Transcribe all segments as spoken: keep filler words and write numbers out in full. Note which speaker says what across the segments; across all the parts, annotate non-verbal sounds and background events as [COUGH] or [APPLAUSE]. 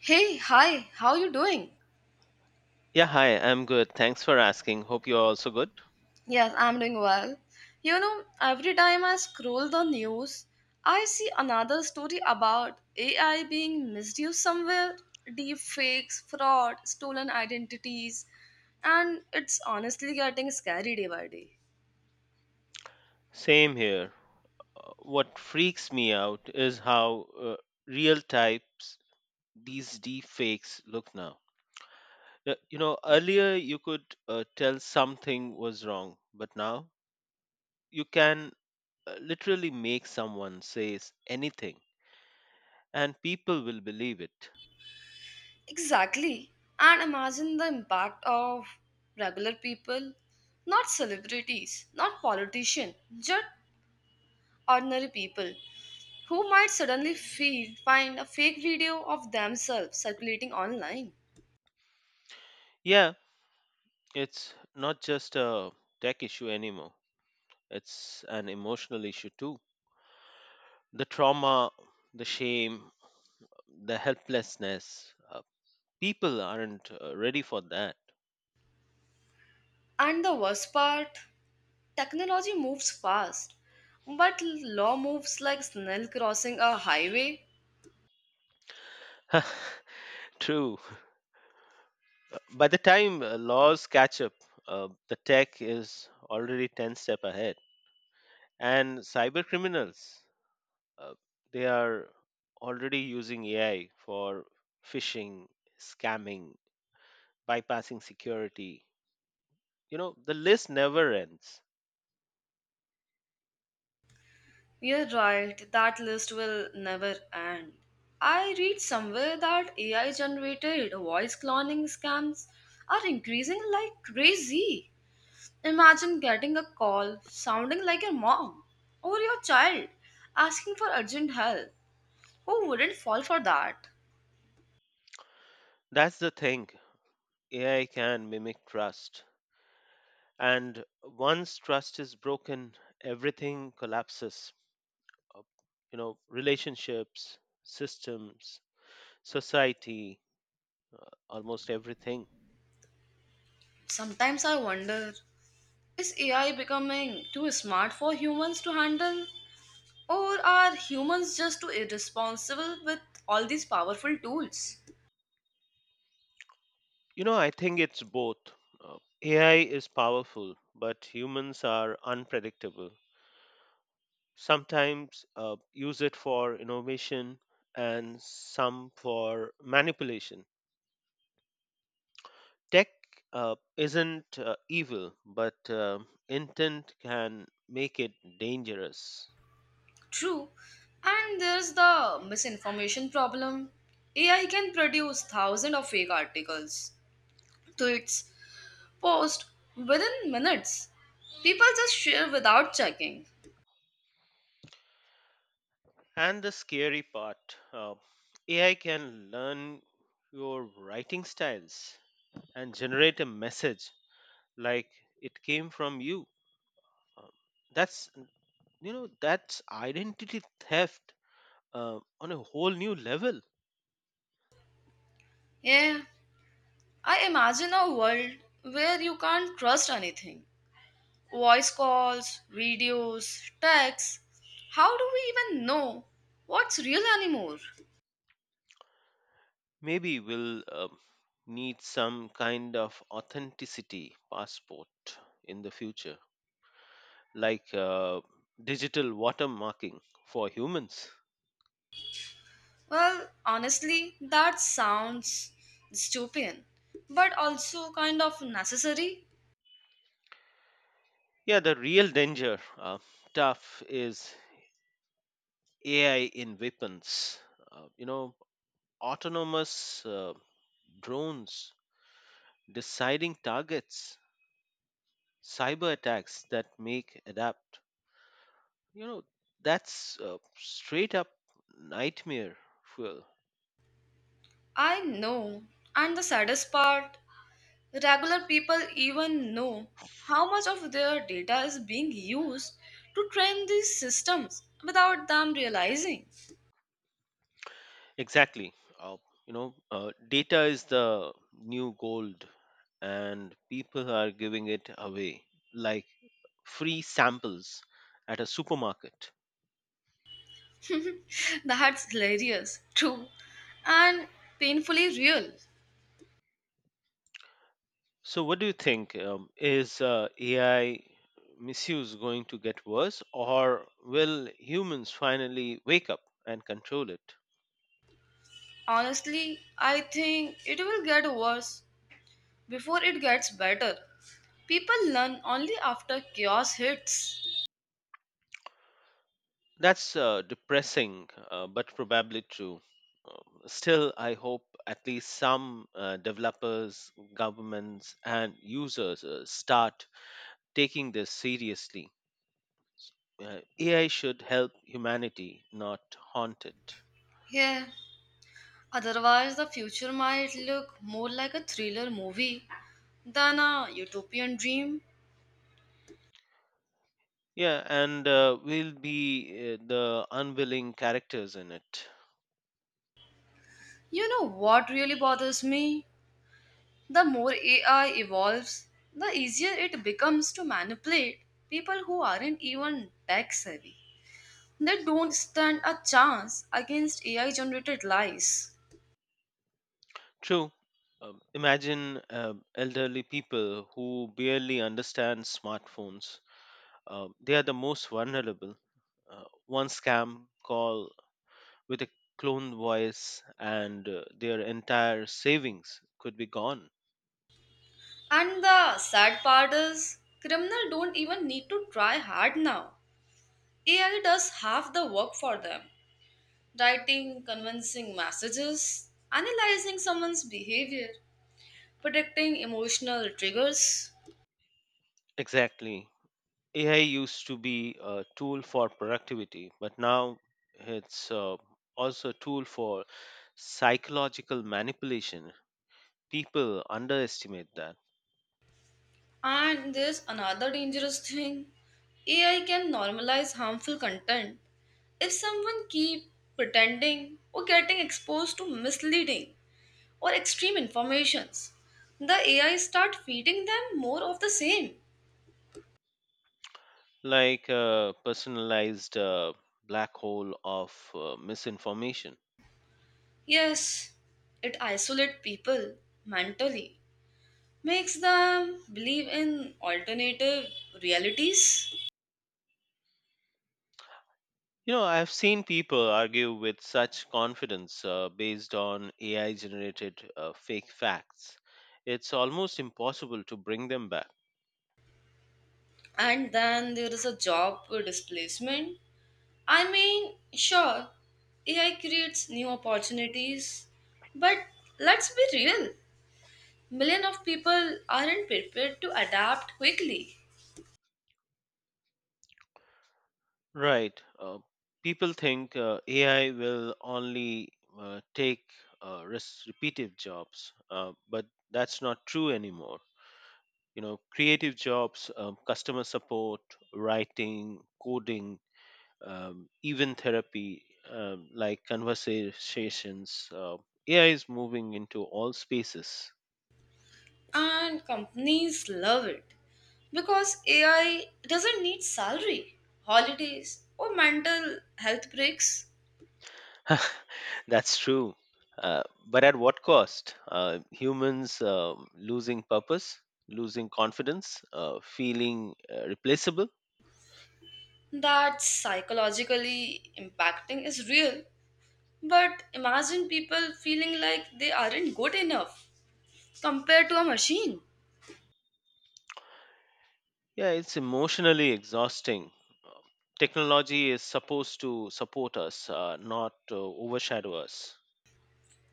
Speaker 1: Hey, hi, how you doing?
Speaker 2: Yeah, hi, I'm good. Thanks for asking. Hope you're also good.
Speaker 1: Yes, I'm doing well. You know, every time I scroll the news, I see another story about A I being misused somewhere, deep fakes, fraud, stolen identities, and it's honestly getting scary day by day.
Speaker 2: Same here. Uh, What freaks me out is how uh, real types these deep fakes look now. Uh, You know, earlier you could uh, tell something was wrong, but now you can uh, literally make someone says anything and people will believe it.
Speaker 1: Exactly. And imagine the impact of regular people, not celebrities, not politicians, just ordinary people who might suddenly feel, find a fake video of themselves circulating online.
Speaker 2: Yeah, it's not just a tech issue anymore. It's an emotional issue too. The trauma, the shame, the helplessness. Uh, people aren't uh, ready for that.
Speaker 1: And the worst part, technology moves fast, but law moves like snail crossing a highway.
Speaker 2: [LAUGHS] True. By the time uh, laws catch up, uh, the tech is already ten step ahead. And cyber criminals, uh, they are already using A I for phishing, scamming, bypassing security. You know, the list never ends.
Speaker 1: You're right, that list will never end. I read somewhere that A I generated voice cloning scams are increasing like crazy. Imagine getting a call sounding like your mom or your child asking for urgent help. Who wouldn't fall for that?
Speaker 2: That's the thing. A I can mimic trust. And once trust is broken, everything collapses. uh, you know, relationships, systems, society, almost everything.
Speaker 1: Sometimes I wonder, is A I becoming too smart for humans to handle? Or are humans just too irresponsible with all these powerful tools?
Speaker 2: You know, I think it's both. uh, AI is powerful, but humans are unpredictable. Sometimes uh, use it for innovation and some for manipulation. Tech uh, isn't uh, evil, but uh, intent can make it dangerous.
Speaker 1: True. And there's the misinformation problem. A I can produce thousands of fake articles, tweets, posts within minutes. People just share without checking.
Speaker 2: And the scary part, uh, A I can learn your writing styles and generate a message like it came from you. Um, that's, you know, that's identity theft uh, on a whole new level.
Speaker 1: Yeah, I imagine a world where you can't trust anything. Voice calls, videos, texts. How do we even know what's real anymore?
Speaker 2: Maybe we'll um, need some kind of authenticity passport in the future, like uh, digital watermarking for humans.
Speaker 1: Well, honestly, that sounds stupid, but also kind of necessary.
Speaker 2: Yeah, the real danger, uh, tough, is A I in weapons, uh, you know, autonomous uh, drones, deciding targets, cyber attacks that make adapt. You know, that's uh, straight up nightmare fuel.
Speaker 1: I know. And the saddest part, regular people even know how much of their data is being used to train these systems without them realizing.
Speaker 2: Exactly. Uh, you know, uh, data is the new gold, and people are giving it away like free samples at a supermarket.
Speaker 1: [LAUGHS] That's hilarious, true, and painfully real.
Speaker 2: So, what do you think? Um, is uh, A I misuse going to get worse, or will humans finally wake up and control it?
Speaker 1: Honestly, I think it will get worse before it gets better. People learn only after chaos hits.
Speaker 2: That's uh, depressing, uh, but probably true. Um, Still, I hope at least some uh, developers, governments, and users uh, start taking this seriously. Uh, A I should help humanity, not haunt it.
Speaker 1: Yeah, otherwise, the future might look more like a thriller movie than a utopian dream.
Speaker 2: Yeah, and uh, we'll be uh, the unwilling characters in it.
Speaker 1: You know what really bothers me? The more A I evolves, the easier it becomes to manipulate people who aren't even tech savvy. They don't stand a chance against A I generated lies.
Speaker 2: True. Um, imagine uh, elderly people who barely understand smartphones. Uh, they are the most vulnerable. Uh, one scam call with a clone voice, and uh, their entire savings could be gone.
Speaker 1: And the sad part is, criminals don't even need to try hard now. A I does half the work for them, writing convincing messages, analyzing someone's behavior, predicting emotional triggers.
Speaker 2: Exactly. A I used to be a tool for productivity, but now it's uh, also a tool for psychological manipulation. People underestimate that,
Speaker 1: And there's another dangerous thing, A I can normalize harmful content. If someone keep pretending or getting exposed to misleading or extreme informations, the A I start feeding them more of the same.
Speaker 2: like a personalized uh, black hole of uh, misinformation.
Speaker 1: Yes, it isolates people mentally, makes them believe in alternative realities,
Speaker 2: You know, I've seen people argue with such confidence uh, based on A I generated uh, fake facts. It's almost impossible to bring them back.
Speaker 1: and then there is a job displacement. I mean, sure, A I creates new opportunities, but let's be real. Million of people aren't prepared to adapt quickly.
Speaker 2: Right. Uh, people think uh, A I will only uh, take uh, res- repetitive jobs, uh, but that's not true anymore. You know, creative jobs, um, customer support, writing, coding, um, even therapy, um, like conversations. Uh, A I is moving into all spaces.
Speaker 1: And companies love it because A I doesn't need salary, holidays, or mental health breaks.
Speaker 2: [LAUGHS] That's true. Uh, but at what cost? Uh, humans uh, losing purpose, losing confidence, uh, feeling uh, replaceable.
Speaker 1: That psychologically impacting is real. But imagine people feeling like they aren't good enough compared to a machine.
Speaker 2: Yeah, it's emotionally exhausting. Uh, Technology is supposed to support us, uh, not uh, overshadow us.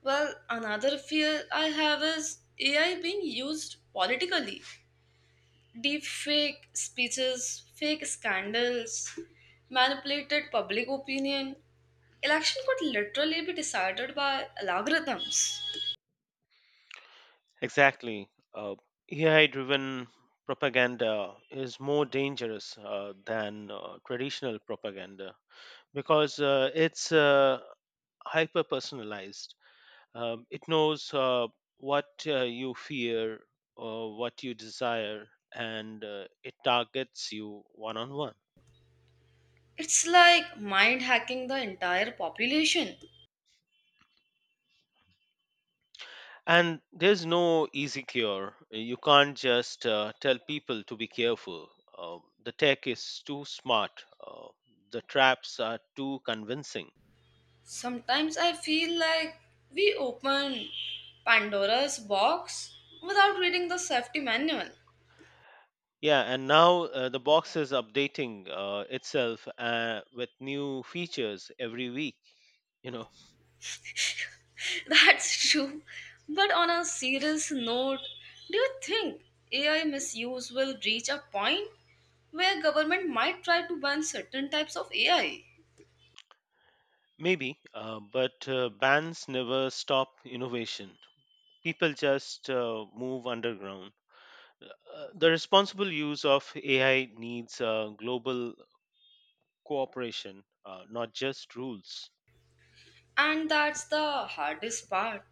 Speaker 1: Well, another fear I have is A I being used politically. Deep fake speeches, fake scandals, manipulated public opinion. Election could literally be decided by algorithms.
Speaker 2: Exactly. Uh, A I driven propaganda is more dangerous uh, than uh, traditional propaganda because uh, it's uh, hyper personalized. Um, it knows uh, what uh, you fear or what you desire, and uh, it targets you one on one.
Speaker 1: It's like mind hacking the entire population.
Speaker 2: And there's no easy cure. You can't just uh, tell people to be careful. Uh, the tech is too smart, uh, the traps are too convincing.
Speaker 1: Sometimes I feel like we open Pandora's box without reading the safety manual.
Speaker 2: Yeah, and now uh, the box is updating uh, itself uh, with new features every week. You know.
Speaker 1: [LAUGHS] That's true. But on a serious note, do you think A I misuse will reach a point where government might try to ban certain types of A I?
Speaker 2: Maybe, uh, but uh, bands never stop innovation. People just uh, move underground. Uh, the responsible use of A I needs uh, global cooperation, uh, not just rules.
Speaker 1: And that's the hardest part.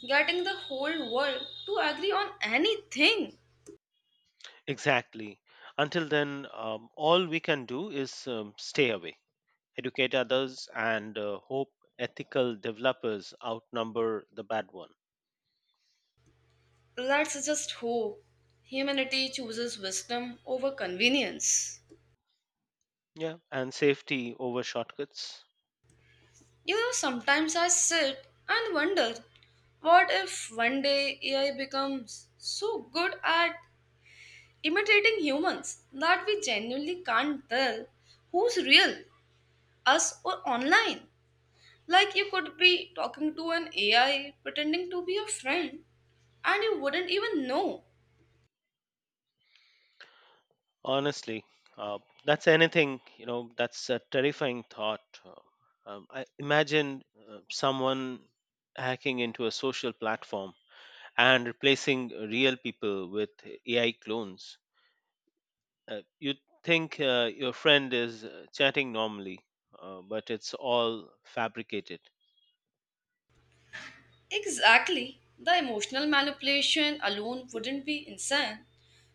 Speaker 1: Getting the whole world to agree on anything.
Speaker 2: Exactly. Until then, um, all we can do is um, stay away, educate others, and uh, hope ethical developers outnumber the bad one.
Speaker 1: Let's just hope humanity chooses wisdom over convenience.
Speaker 2: Yeah, and safety over shortcuts.
Speaker 1: You know, sometimes I sit and wonder, what if one day A I becomes so good at imitating humans that we genuinely can't tell who's real, us or online. Like you could be talking to an A I pretending to be a friend and you wouldn't even know.
Speaker 2: Honestly, uh, that's anything, you know, that's a terrifying thought. Uh, Um, I imagine uh, someone hacking into a social platform and replacing real people with A I clones. Uh, you think uh, your friend is uh, chatting normally, uh, but it's all fabricated.
Speaker 1: Exactly. The emotional manipulation alone wouldn't be insane.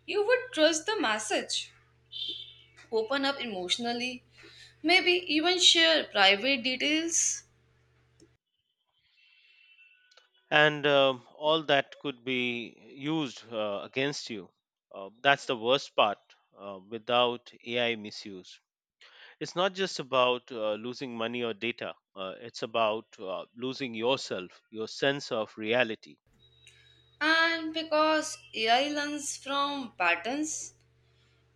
Speaker 1: You would trust the message, open up emotionally, maybe even share private details.
Speaker 2: And um all that could be used uh, against you. Uh, that's the worst part uh, without A I misuse. It's not just about uh, losing money or data, uh, it's about uh, losing yourself, your sense of reality.
Speaker 1: And because A I learns from patterns,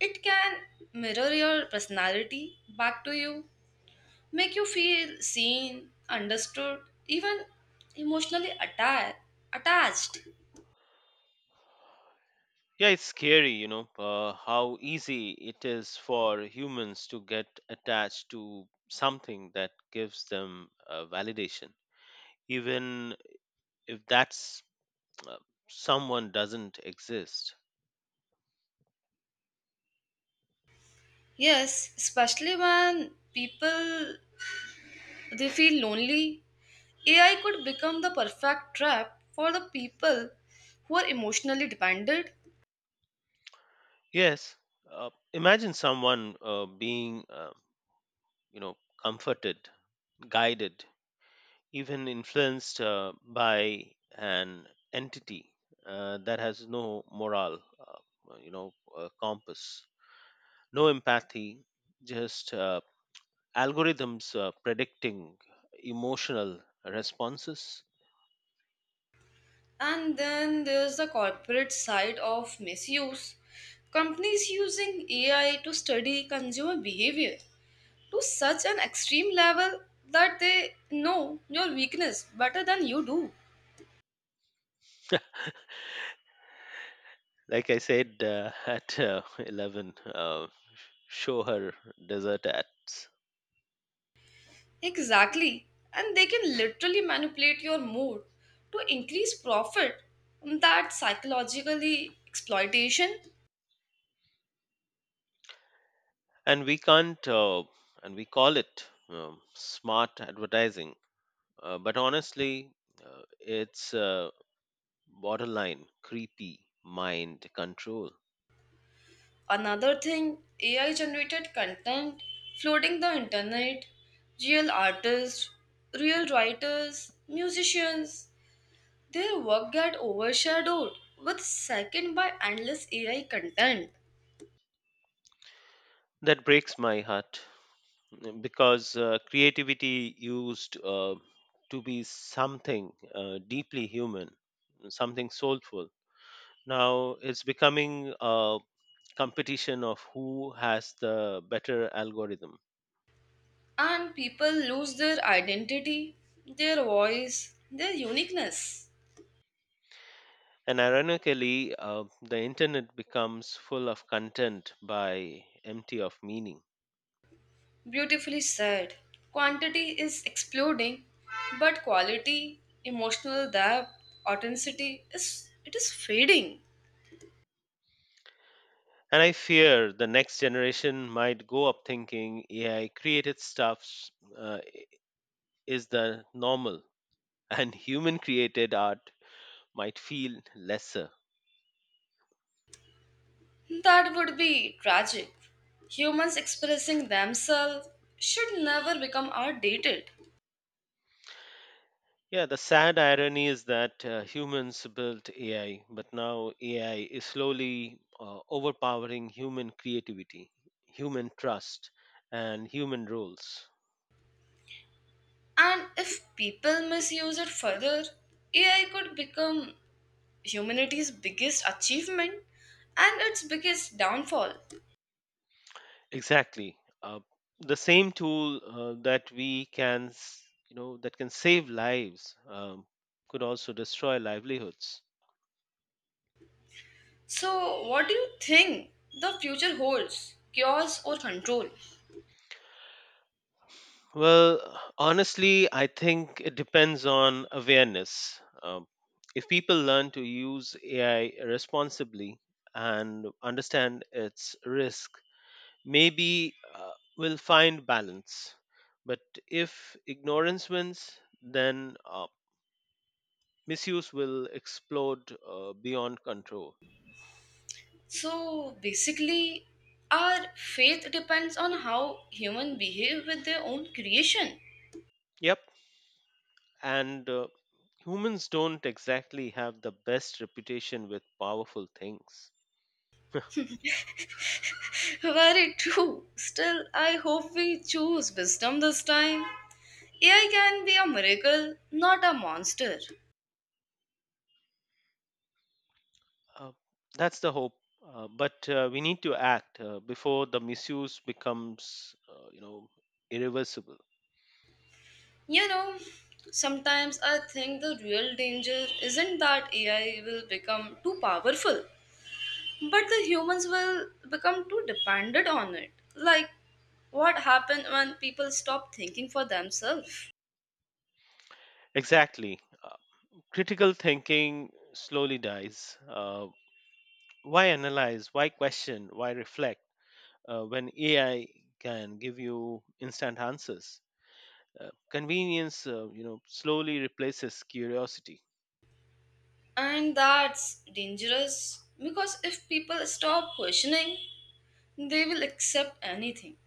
Speaker 1: it can mirror your personality back to you, make you feel seen, understood, even emotionally atta- attached.
Speaker 2: Yeah, it's scary, you know, uh, how easy it is for humans to get attached to something that gives them uh, validation, even if that's uh, someone doesn't exist.
Speaker 1: Yes, especially when people they feel lonely, A I could become the perfect trap for the people who are emotionally dependent.
Speaker 2: Yes, uh, imagine someone uh, being, uh, you know, comforted, guided, even influenced uh, by an entity uh, that has no moral, uh, you know, uh, compass, no empathy, just uh, algorithms uh, predicting emotional responses.
Speaker 1: And then there's the corporate side of misuse. Companies using A I to study consumer behavior to such an extreme level that they know your weakness better than you do.
Speaker 2: Like I said uh, [LAUGHS] at uh, eleven, uh, show her desert ads.
Speaker 1: Exactly. And they can literally manipulate your mood to increase profit. That psychologically exploitation.
Speaker 2: And we can't, uh, and we call it um, smart advertising. Uh, but honestly, uh, it's uh, borderline creepy mind control.
Speaker 1: Another thing, A I generated content flooding the internet, real artists, real writers, musicians, their work get overshadowed with second by endless A I content.
Speaker 2: That breaks my heart, mm, because uh, creativity used uh, to be something uh, deeply human, something soulful. Now it's becoming a competition of who has the better algorithm.
Speaker 1: And people lose their identity, their voice, their uniqueness.
Speaker 2: And ironically uh, the internet becomes full of content by empty of meaning.
Speaker 1: Beautifully said. Quantity is exploding, but quality, emotional depth, authenticity is it is fading.
Speaker 2: And I fear the next generation might go up thinking A I created stuff uh, is the normal, [LAUGHS] and human created art might feel lesser.
Speaker 1: That would be tragic. Humans expressing themselves should never become outdated.
Speaker 2: Yeah, the sad irony is that uh, humans built A I, but now A I is slowly uh, overpowering human creativity, human trust, and human roles.
Speaker 1: And if people misuse it further, A I could become humanity's biggest achievement and its biggest downfall.
Speaker 2: Exactly. Uh, the same tool uh, that we can, s- you know, that can save lives um, could also destroy livelihoods.
Speaker 1: So, what do you think the future holds? Chaos or control?
Speaker 2: Well, honestly, I think it depends on awareness. Um, if people learn to use A I responsibly and understand its risk, maybe uh, we'll find balance. But if ignorance wins, then uh, misuse will explode uh, beyond control.
Speaker 1: So, basically, our faith depends on how humans behave with their own creation.
Speaker 2: Yep, and uh, humans don't exactly have the best reputation with powerful things. [LAUGHS]
Speaker 1: [LAUGHS] Very true. Still, I hope we choose wisdom this time. A I can be a miracle, not a monster.
Speaker 2: Uh, that's the hope. Uh, but uh, we need to act uh, before the misuse becomes, uh, you know, irreversible.
Speaker 1: You know, sometimes I think the real danger isn't that A I will become too powerful, but the humans will become too dependent on it. Like, what happened when people stop thinking for themselves?
Speaker 2: Exactly. Uh, critical thinking slowly dies. Uh, why analyze? Why question? Why reflect? Uh, when A I can give you instant answers. Uh, convenience, uh, you know, slowly replaces curiosity.
Speaker 1: And that's dangerous because if people stop questioning, they will accept anything.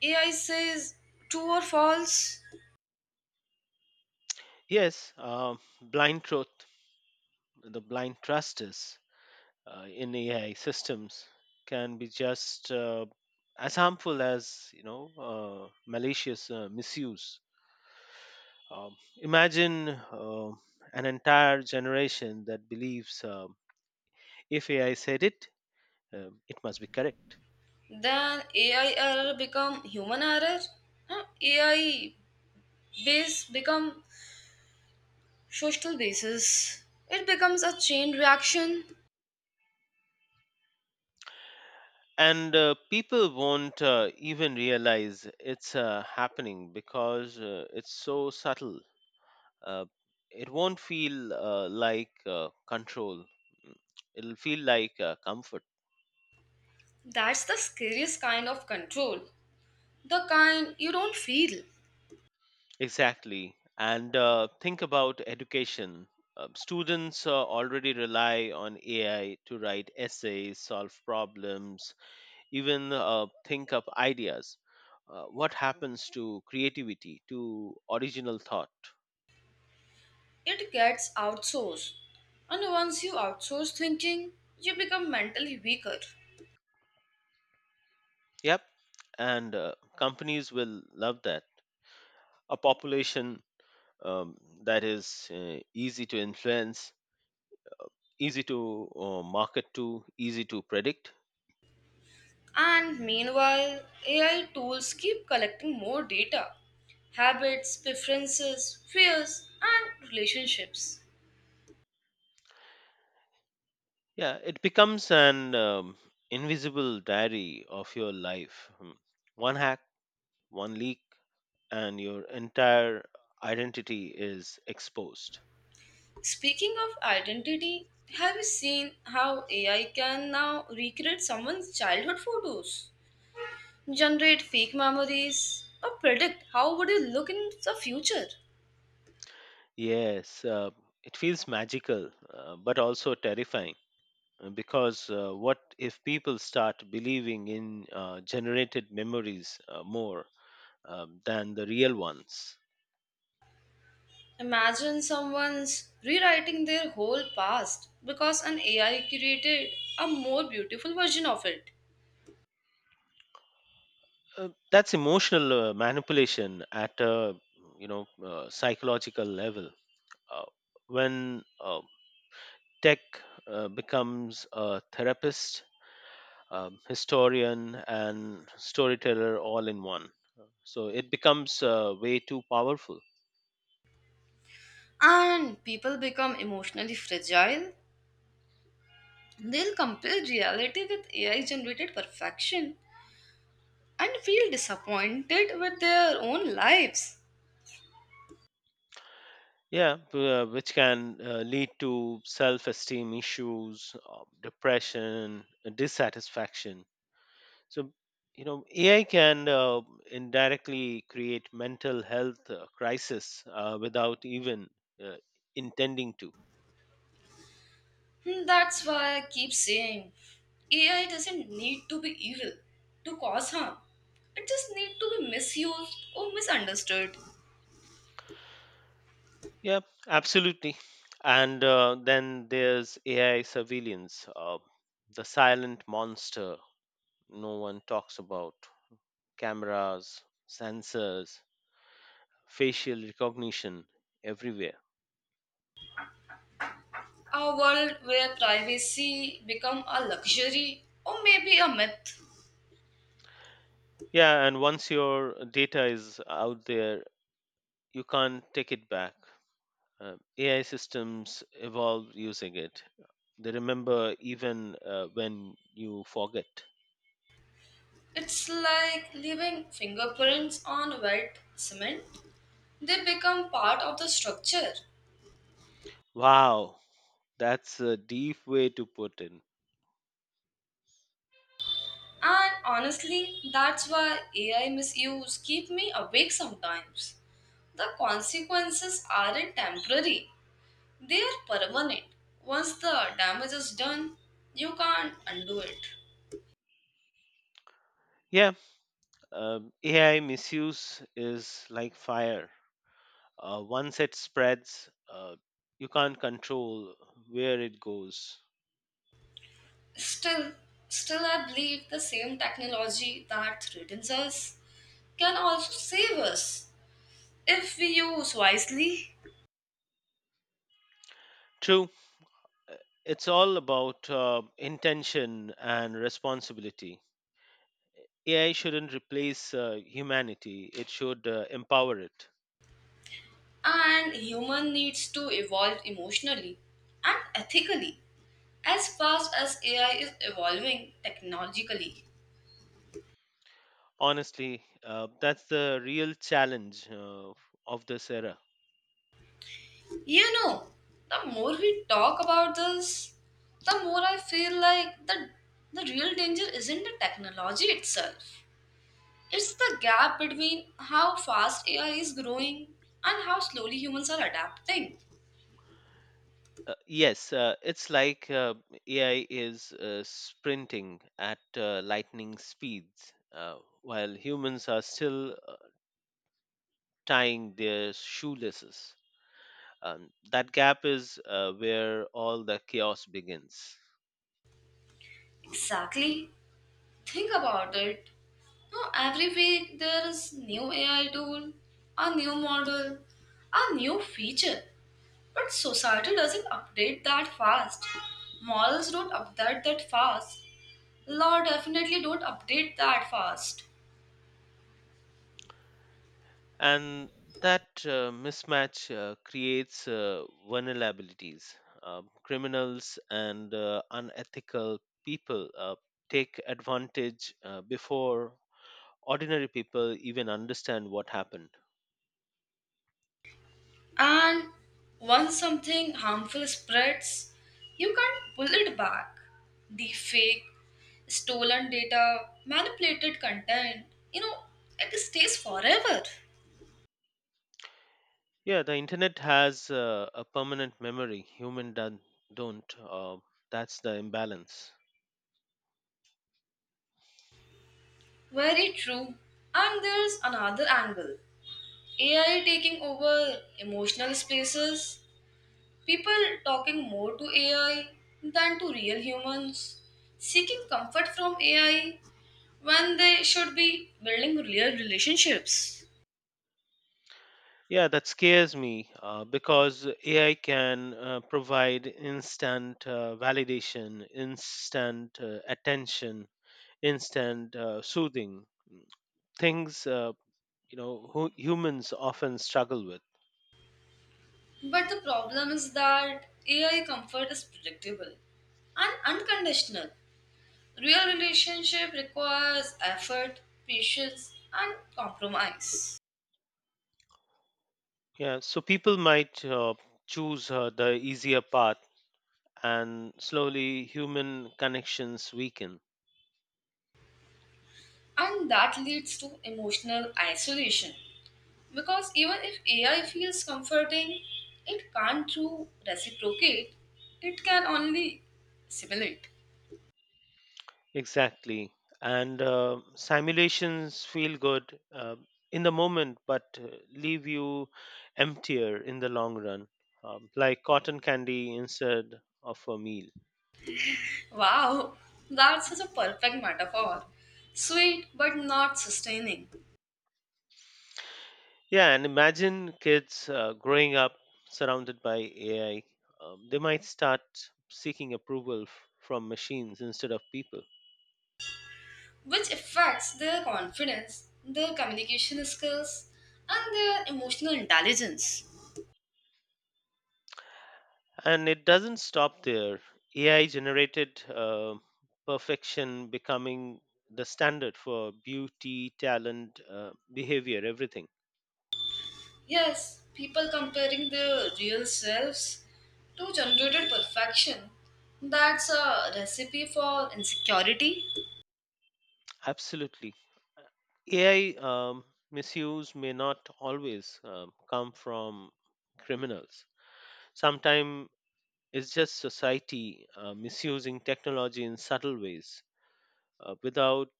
Speaker 1: A I says true or false,
Speaker 2: Yes, um, blind truth, the blind trust is uh, in AI systems, can be just uh, as harmful as, you know, uh, malicious uh, misuse. um, Imagine uh, an entire generation that believes, um if AI said it, um it must be correct.
Speaker 1: then A I error become human error. Huh? A I base become social basis, it becomes a chain reaction.
Speaker 2: And uh, people won't uh, even realize it's uh, happening because uh, it's so subtle. uh, it won't feel uh, like uh, control. Mm, it'll feel like uh, comfort.
Speaker 1: That's the scariest kind of control, the kind you don't feel.
Speaker 2: Exactly, and uh, think about education. Uh, students uh, already rely on AI to write essays, solve problems, even uh, think up ideas. Uh, what happens to creativity, to original thought?
Speaker 1: It gets outsourced. And once you outsource thinking, you become mentally weaker.
Speaker 2: Yep, and uh, companies will love that. A population um, that is uh, easy to influence, easy to uh, market to, easy to predict.
Speaker 1: And meanwhile, A I tools keep collecting more data, habits, preferences, fears, and relationships.
Speaker 2: Yeah, it becomes an um, invisible diary of your life. Hmm. One hack, one leak, and your entire identity is exposed.
Speaker 1: Speaking of identity, have you seen how A I can now recreate someone's childhood photos? Generate fake memories, or predict how would you look in the future.
Speaker 2: Yes, uh, it feels magical, uh, but also terrifying. Uh, Because uh, what if people start believing in uh, generated memories uh, more um, than the real ones?
Speaker 1: Imagine someone's rewriting their whole past because an A I created a more beautiful version of it.
Speaker 2: Uh, that's emotional uh, manipulation at a, you know, uh, psychological level. Uh, when uh, tech uh, becomes a therapist, um, historian, and storyteller all in one, so it becomes uh, way too powerful.
Speaker 1: And people become emotionally fragile. They'll compare reality with A I generated perfection and feel disappointed with their own lives.
Speaker 2: Yeah, b- uh, which can uh, lead to self esteem issues, uh, depression, uh, dissatisfaction. So, you know, A I can uh, indirectly create mental health uh, crisis uh, without even uh, intending to.
Speaker 1: Hmm, that's why I keep saying A I doesn't need to be evil to cause harm. It just needs to be misused or misunderstood.
Speaker 2: Yeah, absolutely. And uh, then there's A I surveillance, uh, the silent monster no one talks about, cameras, sensors, facial recognition everywhere.
Speaker 1: A world where privacy become a luxury or maybe a myth.
Speaker 2: Yeah, and once your data is out there, you can't take it back. Uh, A I systems evolve using it. They remember even uh, when you forget.
Speaker 1: It's like leaving fingerprints on wet cement. They become part of the structure.
Speaker 2: Wow, that's a deep way to put in.
Speaker 1: And honestly, that's why A I misuse keep me awake sometimes, the consequences aren't temporary. They are permanent. Once the damage is done, you can't undo it.
Speaker 2: Yeah, um, A I misuse is like fire. Uh, once it spreads, uh, you can't control where it goes.
Speaker 1: Still, still I believe the same technology that threatens us can also save us if we use wisely.
Speaker 2: True, uh, it's all about uh, intention and responsibility. A I shouldn't replace uh, humanity, it should uh, empower it.
Speaker 1: And human needs to evolve emotionally and ethically as fast as A I is evolving technologically.
Speaker 2: Honestly, uh, that's the real challenge uh, of this era.
Speaker 1: You know, the more we talk about this, the more I feel like the the real danger isn't the technology itself. It's the gap between how fast A I is growing and how slowly humans are adapting.
Speaker 2: Uh, yes, uh, it's like uh, A I is uh, sprinting at uh, lightning speeds uh, while humans are still uh, tying their shoelaces. Um, that gap is uh, where all the chaos begins.
Speaker 1: Exactly. Think about it. No, every week there is new A I tool, a new model, a new feature. But society doesn't update that fast. Models don't update that fast. Law definitely don't update that fast.
Speaker 2: And that uh, mismatch uh, creates uh, vulnerabilities. Uh, criminals and uh, unethical people uh, take advantage uh, before ordinary people even understand what happened.
Speaker 1: And once something harmful spreads, you can't pull it back. The fake, stolen data, manipulated content, you know, it stays forever.
Speaker 2: Yeah, the internet has uh, a permanent memory. Human done, don't. Uh, that's the imbalance.
Speaker 1: Very true. And there's another angle, A I taking over emotional spaces. People talking more to A I than to real humans, seeking comfort from A I when they should be building real relationships.
Speaker 2: Yeah, that scares me uh, because A I can uh, provide instant uh, validation, instant uh, attention, instant uh, soothing, mm, things, uh, you know, hu- humans often struggle with.
Speaker 1: But the problem is that A I comfort is predictable and unconditional. Real relationship requires effort, patience, and compromise.
Speaker 2: Yeah, so people might uh, choose uh, the easier path, and slowly human connections weaken.
Speaker 1: And that leads to emotional isolation. Because even if A I feels comforting, it can't true reciprocate, it can only simulate.
Speaker 2: Exactly. And uh, simulations feel good uh, in the moment, but uh, leave you emptier in the long run, um, like cotton candy instead of a meal.
Speaker 1: Wow, that's such a perfect metaphor. Sweet but not sustaining,
Speaker 2: Yeah, and imagine kids uh, growing up surrounded by A I. Um, they might start seeking approval f- from machines instead of people.
Speaker 1: which affects their confidence, their communication skills, and their emotional intelligence.
Speaker 2: And it doesn't stop there. A I generated uh, perfection becoming the standard for beauty, talent, uh, behavior, everything.
Speaker 1: Yes, people comparing their real selves to generated perfection. That's a recipe for insecurity.
Speaker 2: Absolutely. A I um, misuse may not always um, come from criminals. Sometimes it's just society uh, misusing technology in subtle ways uh, without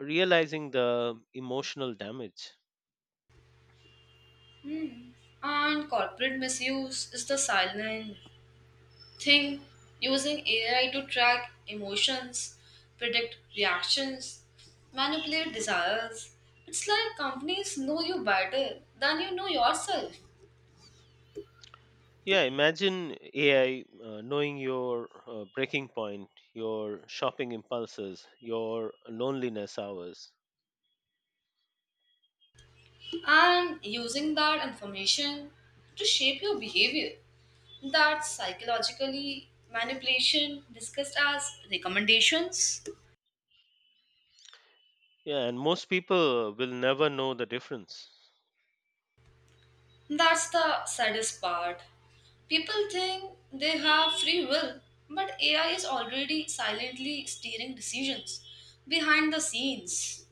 Speaker 2: realizing the emotional damage.
Speaker 1: And corporate misuse is the silent thing using A I to track emotions, predict reactions, manipulate desires. It's like companies know you better than you know yourself
Speaker 2: Yeah, imagine A I uh, knowing your uh, breaking point, your shopping impulses, your loneliness hours.
Speaker 1: and using that information to shape your behavior. That psychologically manipulation discussed as recommendations.
Speaker 2: Yeah, and most people will never know the difference.
Speaker 1: That's the saddest part. People think they have free will, but A I is already silently steering decisions behind the scenes.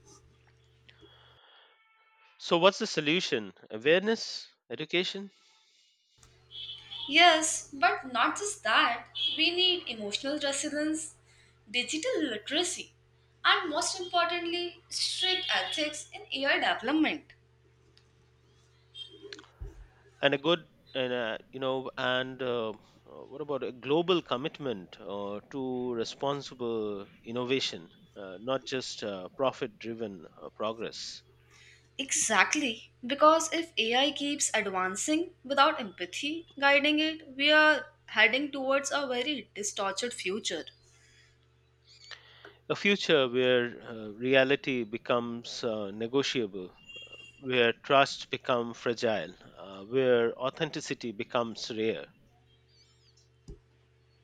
Speaker 2: So what's the solution? Awareness, education,
Speaker 1: Yes, but not just that, we need emotional resilience, digital literacy, and most importantly, strict ethics in A I development.
Speaker 2: and a good, and uh, you know, and uh, uh, what about a global commitment uh, to responsible innovation, uh, not just uh, profit-driven uh, progress.
Speaker 1: Exactly, because if A I keeps advancing without empathy guiding it, we are heading towards a very distorted future.
Speaker 2: A future where uh, reality becomes uh, negotiable, where trust becomes fragile, uh, where authenticity becomes rare.